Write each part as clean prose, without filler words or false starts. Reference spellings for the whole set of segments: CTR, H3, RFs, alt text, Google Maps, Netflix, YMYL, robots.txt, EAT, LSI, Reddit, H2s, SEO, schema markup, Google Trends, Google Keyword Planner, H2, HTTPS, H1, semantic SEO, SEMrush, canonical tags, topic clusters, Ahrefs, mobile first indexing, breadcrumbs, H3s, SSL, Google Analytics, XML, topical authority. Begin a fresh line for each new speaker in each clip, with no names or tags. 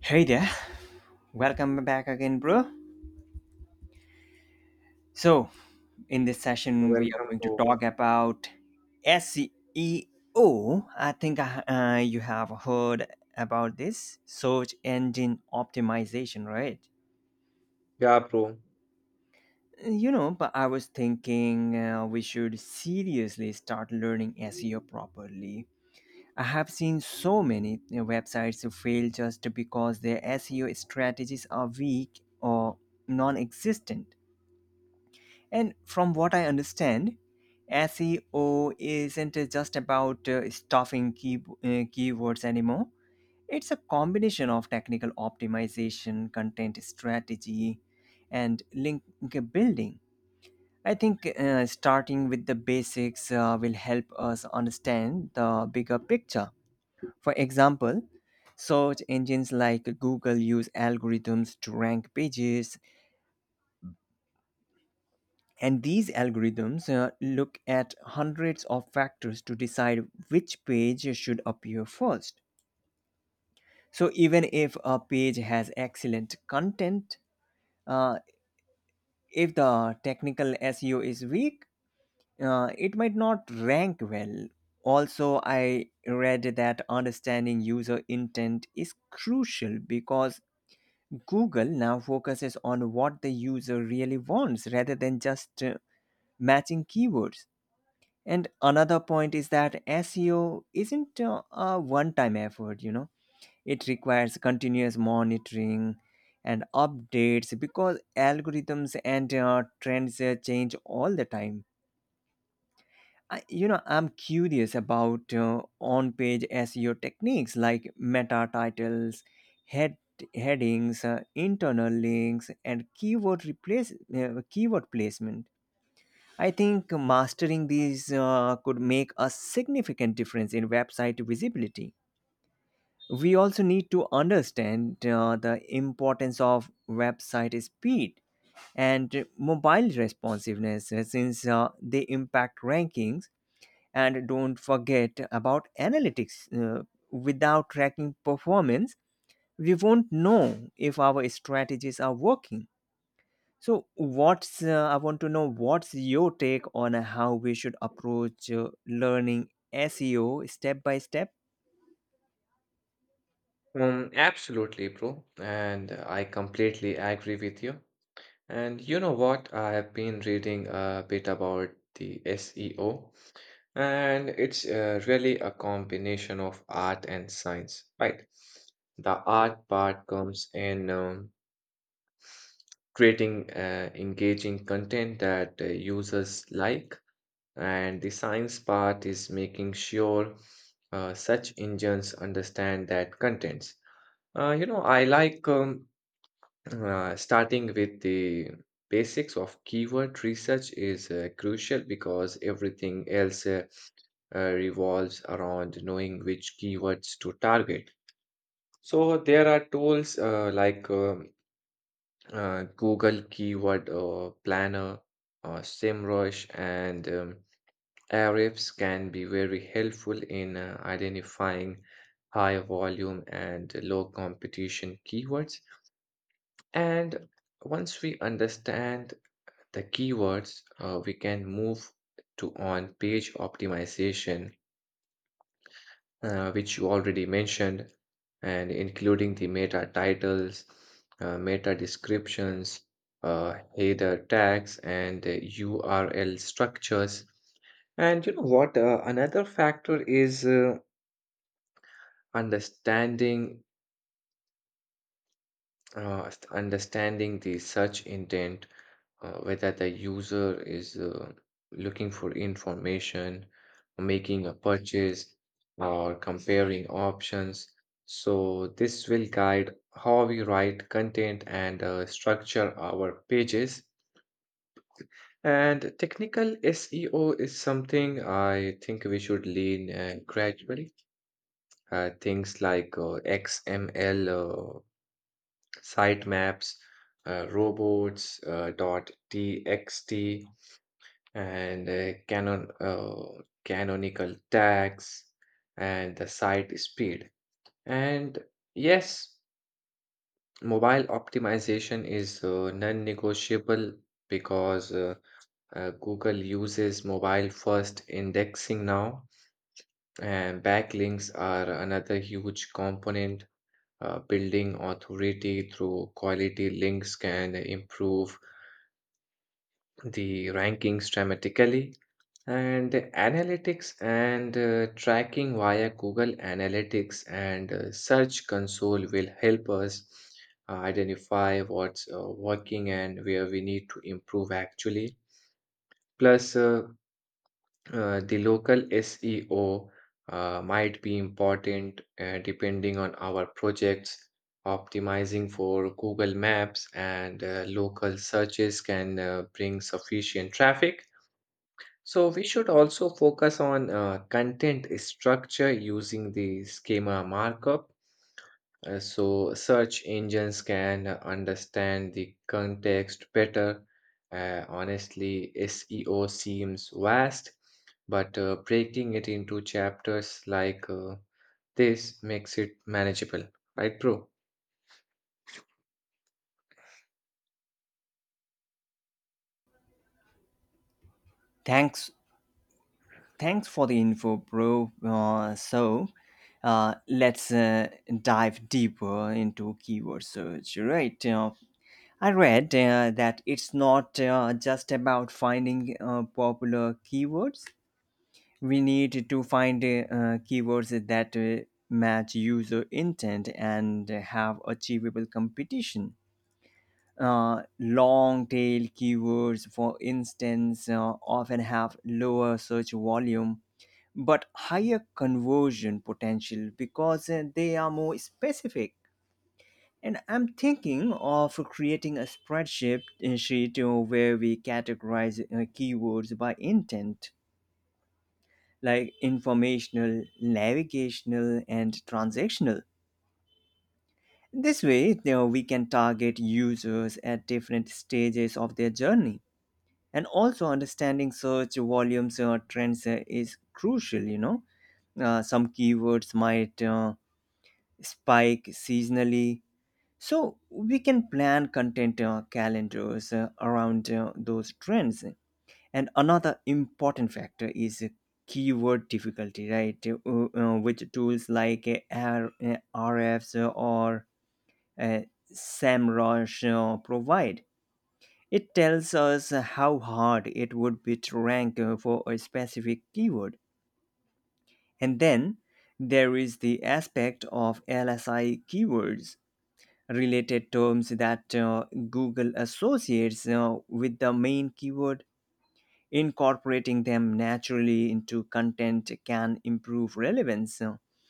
Hey there, welcome back again, bro. So, in this session, we are
Welcome,
going to
bro.
talk about SEO. I think you have heard about this search engine optimization, right?
Yeah, bro.
You know, but I was thinking we should seriously start learning SEO properly. I have seen so many websites fail just because their SEO strategies are weak or non existent. And from what I understand, SEO isn't just about keywords anymore. It's a combination of technical optimization, content strategy, and link building. I think starting with the basics will help us understand the bigger picture. For example, search engines like Google use algorithms to rank pages. And these algorithms look at hundreds of factors to decide which page should appear first. So, even if a page has excellent content, uh, if the technical SEO is weak, it might not rank well. Also, I read that understanding user intent is crucial because Google now focuses on what the user really wants rather than just matching keywords. And another point is that SEO isn't a one time effort, you know, it requires continuous monitoring and updates because algorithms and trends change all the time. I'm curious about on page SEO techniques like meta titles, head headings, internal links, and keyword placement. I think mastering these could make a significant difference in website visibility. We also need to understand the importance of website speed and mobile responsiveness since they impact rankings. And don't forget about analytics. Without tracking performance, we won't know if our strategies are working. So, what's I want to know what's your take on how we should approach learning SEO step by step?
Absolutely, bro. And I completely agree with you. And you know what? I have been reading a bit about the SEO, and it's really a combination of art and science, right? The art part comes in creating engaging content that users like, and the science part is making sure such engines understand that content. You know, I like starting with the basics of keyword research is crucial because everything else revolves around knowing which keywords to target. So there are tools like Google Keyword Planner, SEMrush, and Ahrefs can be very helpful in identifying high volume and low competition keywords. And once we understand the keywords, we can move to on page optimization, which you already mentioned, and including the meta titles, meta descriptions, header tags, and URL structures. And you know what? Another factor is understanding understanding the search intent, whether the user is looking for information, making a purchase, or comparing options. So this will guide how we write content and structure our pages. And technical SEO is something I think we should lean gradually. Things like XML sitemaps, robots, dot .txt, and canonical tags and the site speed and yes, mobile optimization is non-negotiable because google uses mobile first indexing now. And backlinks are another huge component. Uh, building authority through quality links can improve the rankings dramatically. And analytics and tracking via Google Analytics and Search Console will help us identify what's working and where we need to improve actually. Plus, the local SEO might be important, depending on our projects. Optimizing for Google Maps and local searches can bring sufficient traffic. So we should also focus on content structure using the schema markup, so search engines can understand the context better. Honestly, SEO seems vast, but breaking it into chapters like this makes it manageable, right, bro?
Thanks, thanks for the info, bro. So, let's Dive deeper into keyword search, right? I read that it's not just about finding popular keywords. We need to find keywords that match user intent and have achievable competition. Long tail keywords, for instance, often have lower search volume but higher conversion potential because they are more specific. And I'm thinking of creating a spreadsheet sheet where we categorize keywords by intent, like informational, navigational, and transactional. This way, you know, we can target users at different stages of their journey. And also, understanding search volumes or trends is crucial, you know. Some keywords might spike seasonally. So we can plan content calendars around those trends. And another important factor is keyword difficulty, right? With tools like RFs or uh, SEMrush provide. It tells us how hard it would be to rank for a specific keyword. And then there is the aspect of LSI keywords, related terms that Google associates with the main keyword. Incorporating them naturally into content can improve relevance.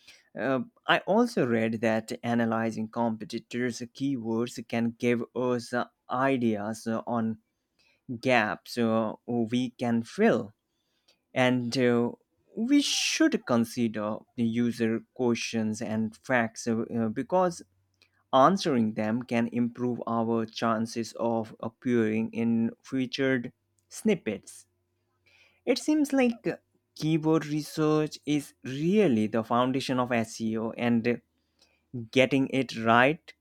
Uh, I also read that analyzing competitors' keywords can give us ideas on gaps we can fill, and we should consider the user questions and facts because answering them can improve our chances of appearing in featured snippets. It seems like keyword research is really the foundation of SEO, and getting it right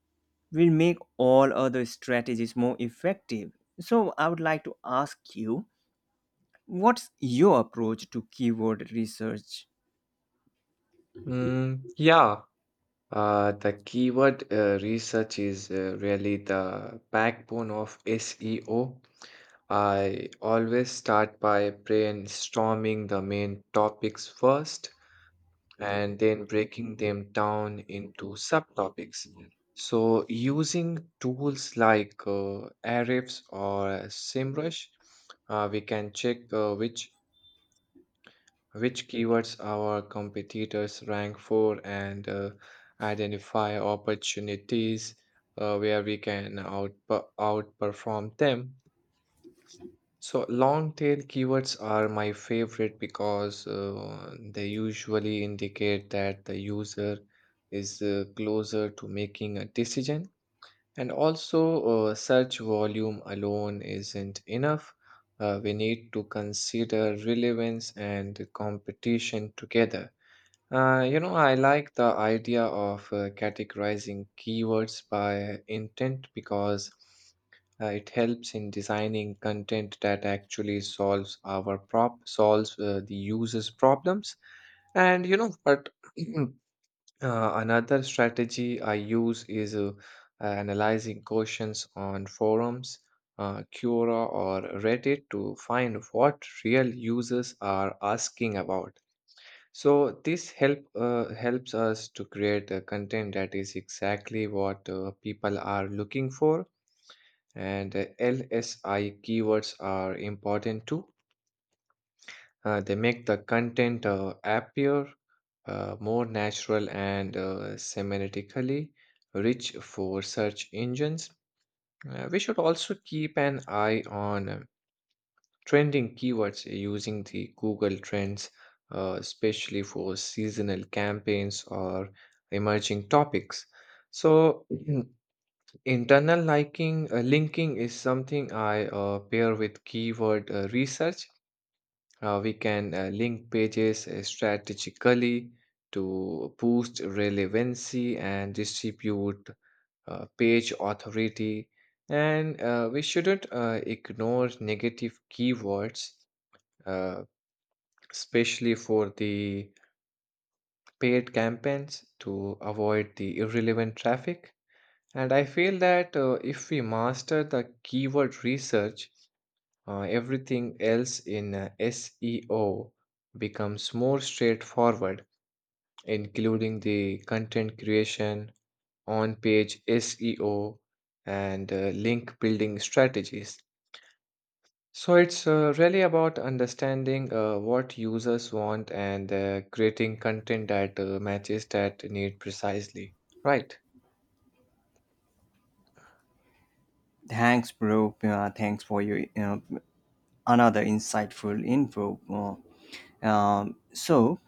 will make all other strategies more effective. So, I would like to ask you, what's your approach to keyword research?
Mm, yeah, the keyword research is really the backbone of SEO. I always start by brainstorming the main topics first and then breaking them down into subtopics. So, using tools like Ahrefs or SEMrush, we can check which keywords our competitors rank for and identify opportunities where we can outperform them. So long tail keywords are my favorite because they usually indicate that the user is closer to making a decision. And also, search volume alone isn't enough. We need to consider relevance and competition together. You know, I like the idea of categorizing keywords by intent because it helps in designing content that actually solves our prop solves the user's problems. But uh, another strategy I use is analyzing questions on forums, Quora, or Reddit to find what real users are asking about. So this helps us to create a content that is exactly what people are looking for, and LSI keywords are important too. They make the content appear more natural and semantically rich for search engines. We should also keep an eye on trending keywords using the Google Trends, especially for seasonal campaigns or emerging topics. So, internal linking is something I pair with keyword research. We can link pages strategically to boost relevancy and distribute page authority. And we shouldn't ignore negative keywords, uh, especially for the paid campaigns to avoid the irrelevant traffic. And I feel that if we master the keyword research, everything else in SEO becomes more straightforward, including the content creation, on page SEO, and link building strategies. So it's really about understanding what users want and creating content that matches that need precisely. Right.
Thanks, bro. Thanks for your another insightful info. So,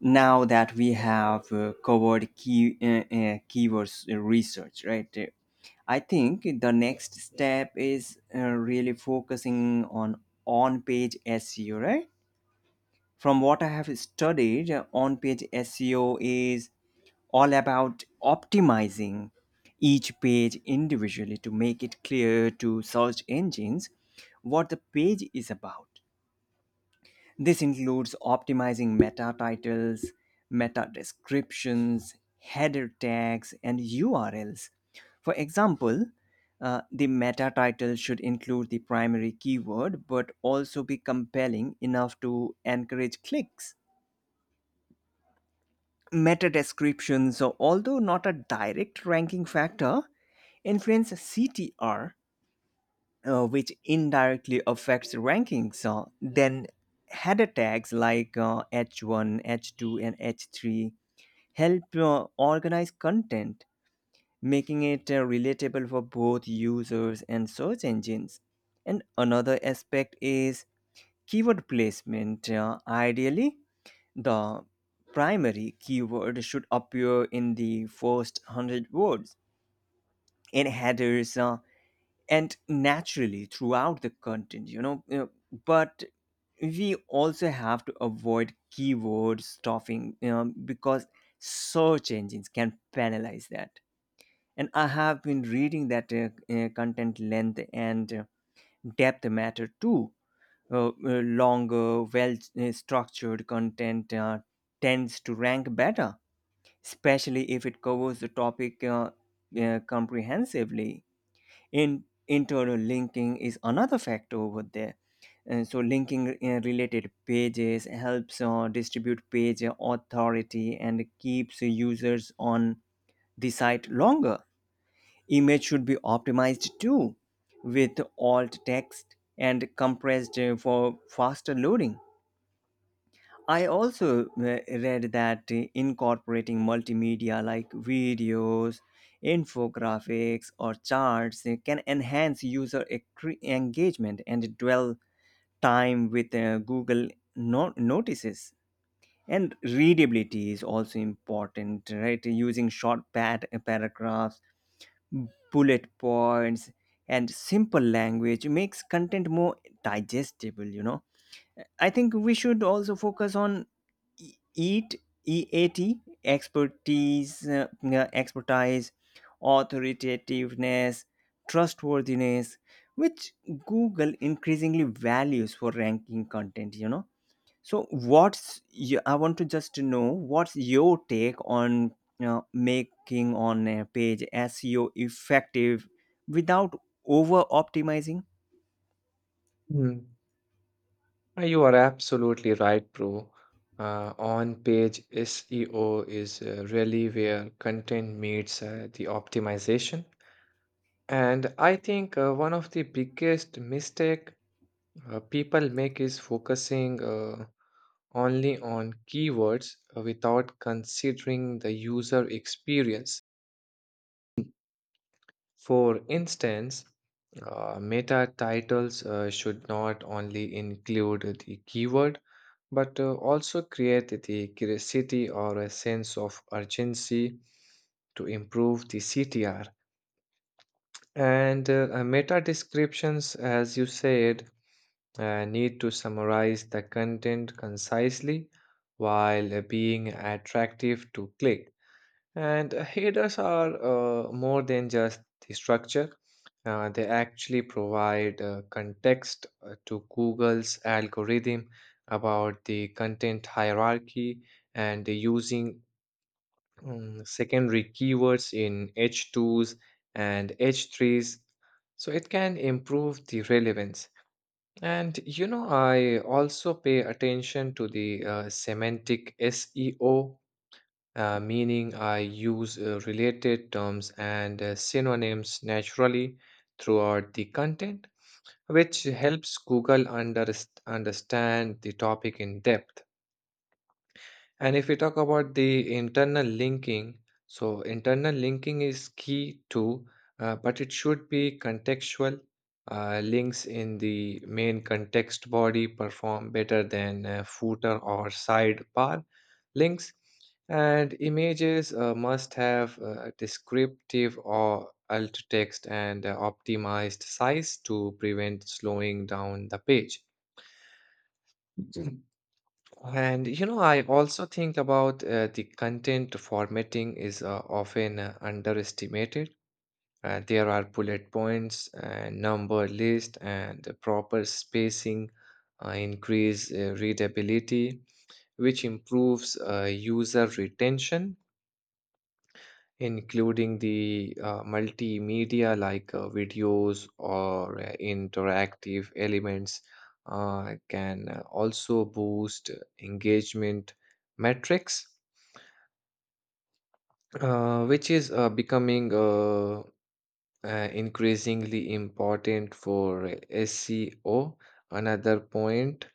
now that we have covered keywords research, right? I think the next step is really focusing on page SEO, right? From what I have studied, on page SEO is all about optimizing each page individually to make it clear to search engines what the page is about. This includes optimizing meta titles, meta descriptions, header tags, and URLs. For example, the meta title should include the primary keyword but also be compelling enough to encourage clicks. Meta descriptions, so although not a direct ranking factor, influence CTR, which indirectly affects rankings. Then header tags like H1, H2, and H3 help organize content, making it relatable for both users and search engines. And another aspect is keyword placement. Ideally, the primary keyword should appear in the first 100 words. In headers, and naturally throughout the content, you know, but we also have to avoid keyword stuffing, you know, because search engines can penalize that. And I have been reading that content length and depth matter too. Longer, well structured content tends to rank better, especially if it covers the topic comprehensively. In internal linking is another factor over there, and so linking related pages helps distribute page authority and keeps users on the site longer. Image should be optimized too, with alt text and compressed for faster loading. I also read that incorporating multimedia like videos, infographics, or charts can enhance user engagement and dwell time with Google notices. And readability is also important, right? Using short paragraphs, bullet points, and simple language makes content more digestible, you know. I think we should also focus on EAT, expertise, authoritativeness, trustworthiness, which Google increasingly values for ranking content, you know. So, I want to just know what's your take on you making on a page SEO effective without over optimizing?
Hmm. You are absolutely right, bro. On-page SEO is really where content meets the optimization. And I think one of the biggest mistake people make is focusing only on keywords without considering the user experience. For instance, meta titles should not only include the keyword but also create the curiosity or a sense of urgency to improve the CTR. And meta descriptions, as you said, I need to summarize the content concisely while being attractive to click. And headers are more than just the structure, they actually provide context to Google's algorithm about the content hierarchy and using secondary keywords in H2s and H3s. So it can improve the relevance. And you know, I also pay attention to the semantic SEO, meaning I use related terms and synonyms naturally throughout the content, which helps Google understand the topic in depth. And if we talk about the internal linking, so internal linking is key too, but it should be contextual. Links in the main context body perform better than footer or sidebar links, and images must have descriptive or alt text and optimized size to prevent slowing down the page. And you know, I also think about the content formatting is often underestimated. There are bullet points, number list, and the proper spacing increase readability, which improves user retention, including the multimedia like videos or interactive elements can also boost engagement metrics, which is becoming increasingly important for SEO. Another point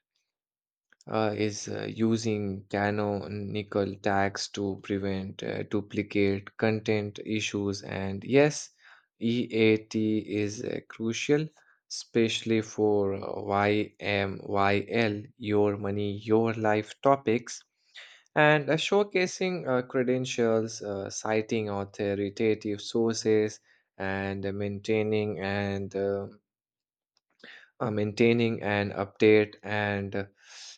is using canonical tags to prevent duplicate content issues. And yes, EAT is crucial, especially for YMYL, your money, your life topics. And showcasing credentials, citing authoritative sources, and maintaining an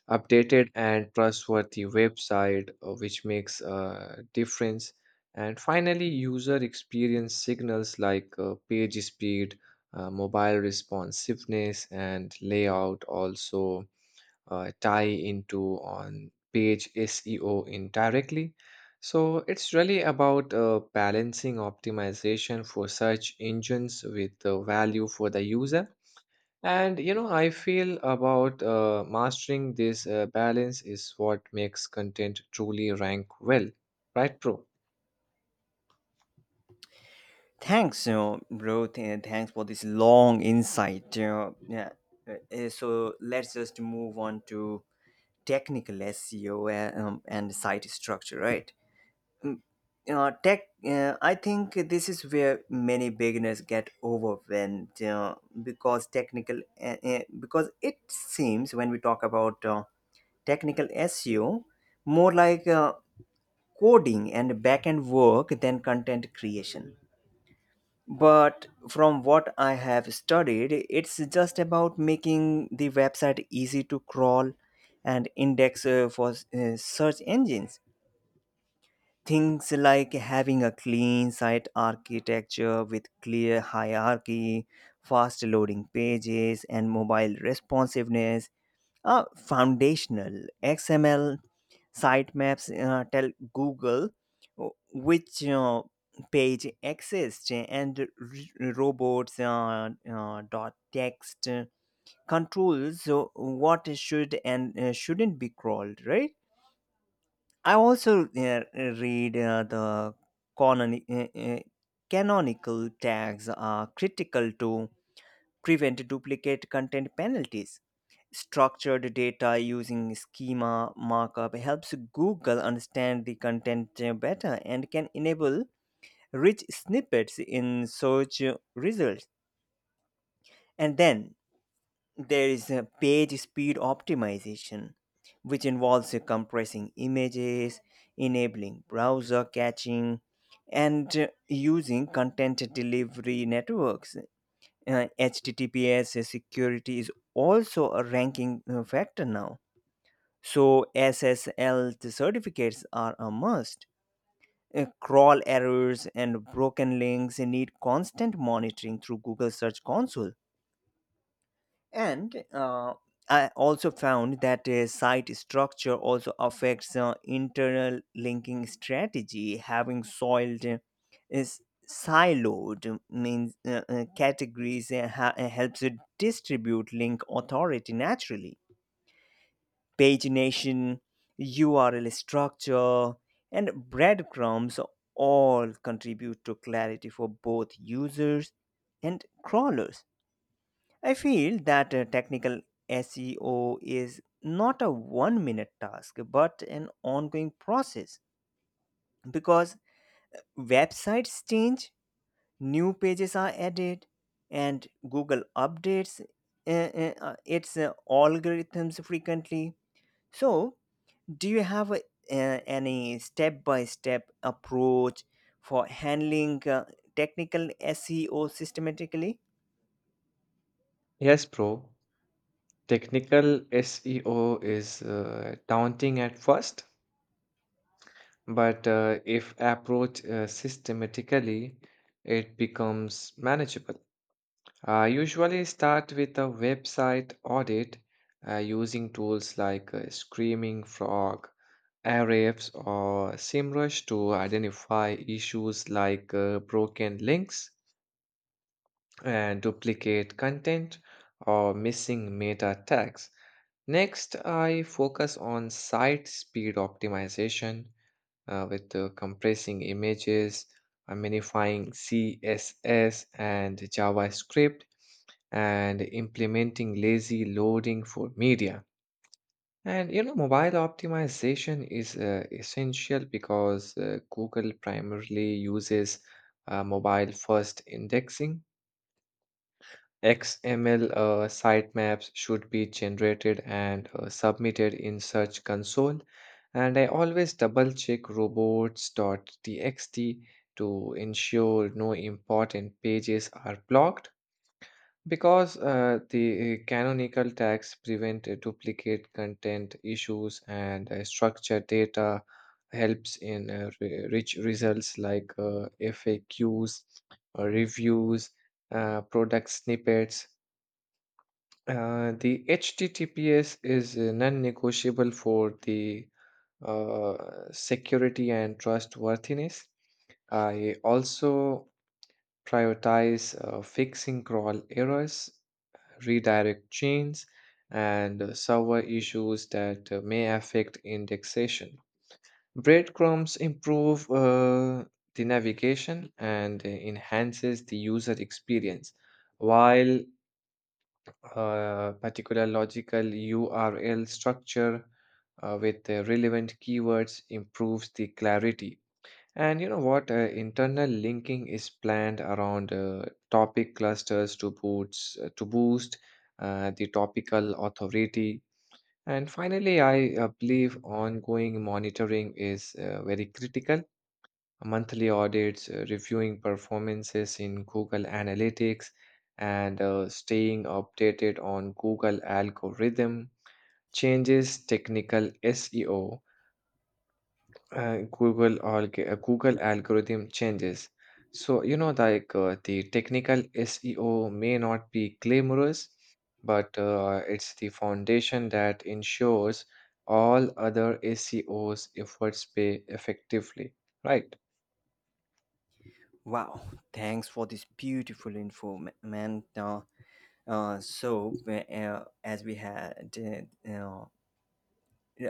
updated and trustworthy website, which makes a difference. And finally, user experience signals like page speed, mobile responsiveness, and layout also tie into on page SEO indirectly. So it's really about balancing optimization for search engines with the value for the user. And you know, I feel about mastering this balance is what makes content truly rank well, right, Pro?
Thanks, you know, bro. Thanks for this long insight. You know, yeah. So let's just move on to technical SEO and site structure, right? You know, tech. I think this is where many beginners get overwhelmed, you know, because technical. Because it seems when we talk about technical SEO, more like coding and backend work than content creation. But from what I have studied, it's just about making the website easy to crawl and index for search engines. Things like having a clean site architecture with clear hierarchy, fast loading pages, and mobile responsiveness are foundational. XML sitemaps tell Google which page exists, and robots dot text controls what should and shouldn't be crawled, right? I also read the canoni- uh, uh, canonical tags are critical to prevent duplicate content penalties. Structured data using schema markup helps Google understand the content better and can enable rich snippets in search results. And then there is page speed optimization, which involves compressing images, enabling browser caching, and using content delivery networks. HTTPS security is also a ranking factor now. So SSL certificates are a must. Crawl errors and broken links need constant monitoring through Google Search Console. And I also found that site structure also affects internal linking strategy. Having soiled is Siloed means categories helps it distribute link authority naturally. Pagination, URL structure, and breadcrumbs all contribute to clarity for both users and crawlers. I feel that technical SEO is not a one minute task but an ongoing process because websites change, new pages are added, and Google updates its algorithms frequently. So, do you have any step by step approach for handling technical SEO systematically?
Yes, Pro. Technical SEO is daunting at first, but if approached systematically, it becomes manageable. I usually start with a website audit using tools like Screaming Frog, Ahrefs, or SEMrush to identify issues like broken links and duplicate content or missing meta tags. Next, I focus on site speed optimization with compressing images, minifying CSS and JavaScript, and implementing lazy loading for media. And you know, mobile optimization is essential because Google primarily uses mobile first indexing. XML sitemaps should be generated and submitted in Search Console. And I always double check robots.txt to ensure no important pages are blocked. Because the canonical tags prevent duplicate content issues and structured data helps in rich results like FAQs, reviews, product snippets. The HTTPS is non-negotiable for the uh, security and trustworthiness. I also prioritize fixing crawl errors, redirect chains, and server issues that may affect indexation. Breadcrumbs improve the navigation and enhances the user experience, while particular logical URL structure with the relevant keywords improves the clarity. And you know what? Internal linking is planned around topic clusters to boost the topical authority. And finally, I believe ongoing monitoring is very critical. Monthly audits, reviewing performances in Google Analytics, and staying updated on Google algorithm changes, technical SEO uh, Google or Google algorithm changes. So you know, like the technical SEO may not be glamorous, but it's the foundation that ensures all other SEOs efforts pay effectively. Right.
Wow, thanks for this beautiful info, man. As we had uh, uh,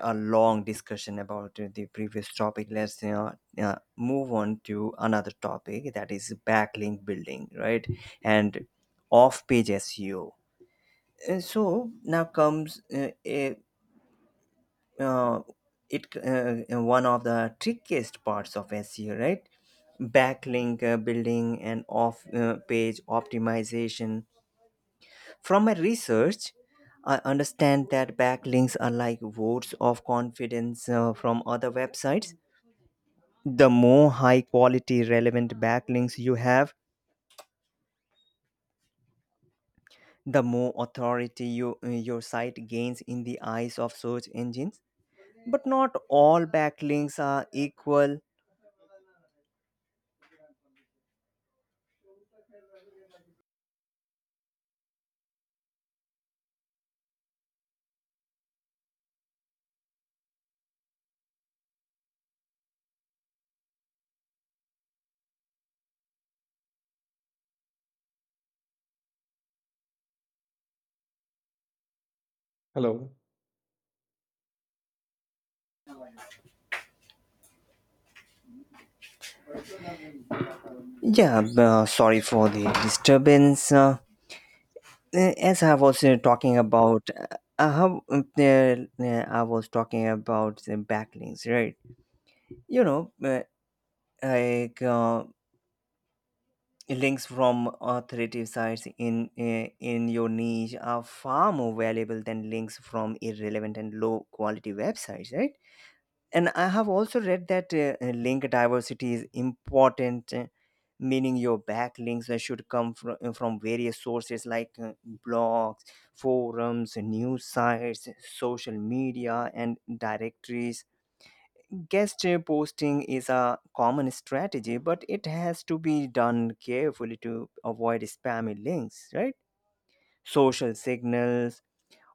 a long discussion about the previous topic, let's, you know, move on to another topic, that is backlink building, right? And off page SEO. So now comes a uh, it one of the trickiest parts of SEO, right? Backlink building and off page optimization. From my research, I understand that backlinks are like votes of confidence from other websites. The more high quality relevant backlinks you have, the more authority your site gains in the eyes of search engines. But not all backlinks are equal.
Hello.
Yeah, sorry for the disturbance. As I was talking about, how, I was talking about the backlinks, right? You know, like links from authoritative sites in your niche are far more valuable than links from irrelevant and low quality websites, right? And I have also read that link diversity is important, eh, meaning your backlinks should come from various sources like blogs, forums, news sites, social media, and directories. Guest posting is a common strategy, but it has to be done carefully to avoid spammy links, right? Social signals,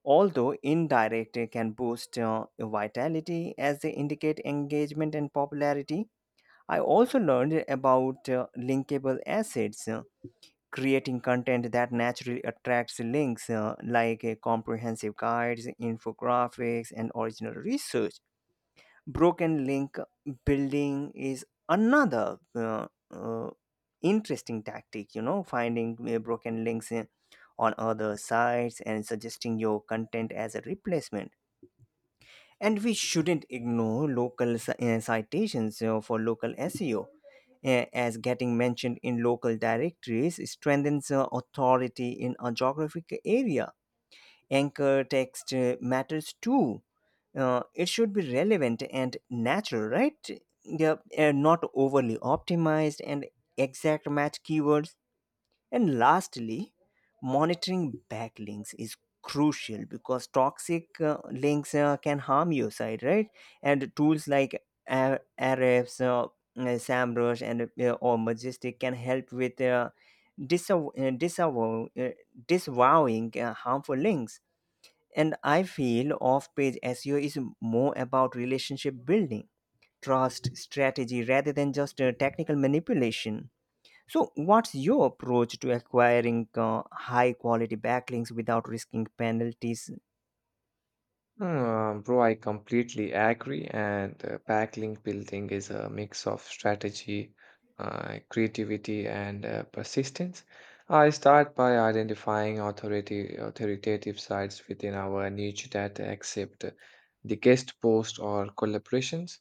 although indirect, can boost vitality as they indicate engagement and popularity. I also learned about linkable assets, creating content that naturally attracts links, like comprehensive guides, infographics, and original research. Broken link building is another interesting tactic, you know, finding broken links on other sites and suggesting your content as a replacement. And we shouldn't ignore local citations, you know, for local SEO, as getting mentioned in local directories strengthens authority in a geographic area. Anchor text matters too. It should be relevant and natural, right? Yeah, and not overly optimized and exact match keywords. And lastly, monitoring backlinks is crucial because toxic links can harm your site, right? And tools like Ahrefs, samrush, and or majestic can help with disav- uh, disav- uh, disavowing harmful links. And I feel off page SEO is more about relationship building, trust, strategy, rather than just technical manipulation. So, what's your approach to acquiring high quality backlinks without risking penalties?
Bro, I completely agree. And backlink building is a mix of strategy, creativity, and persistence. I start by identifying authority authoritative sites within our niche that accept the guest post or collaborations.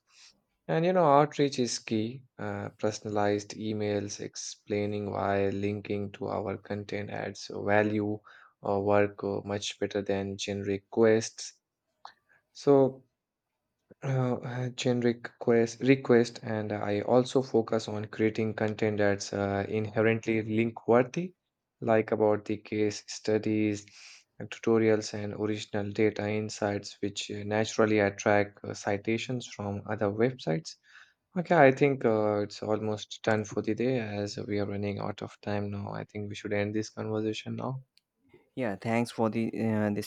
And you know, outreach is key. Personalized emails explaining why linking to our content adds value or work much better than generic quests. So, generic quest request, and I also focus on creating content that's inherently link worthy, like about the case studies, tutorials, and original data insights, which naturally attract citations from other websites. Okay, I think it's almost done for the day as we are running out of time now. I think we should end this conversation now.
Yeah, thanks for the this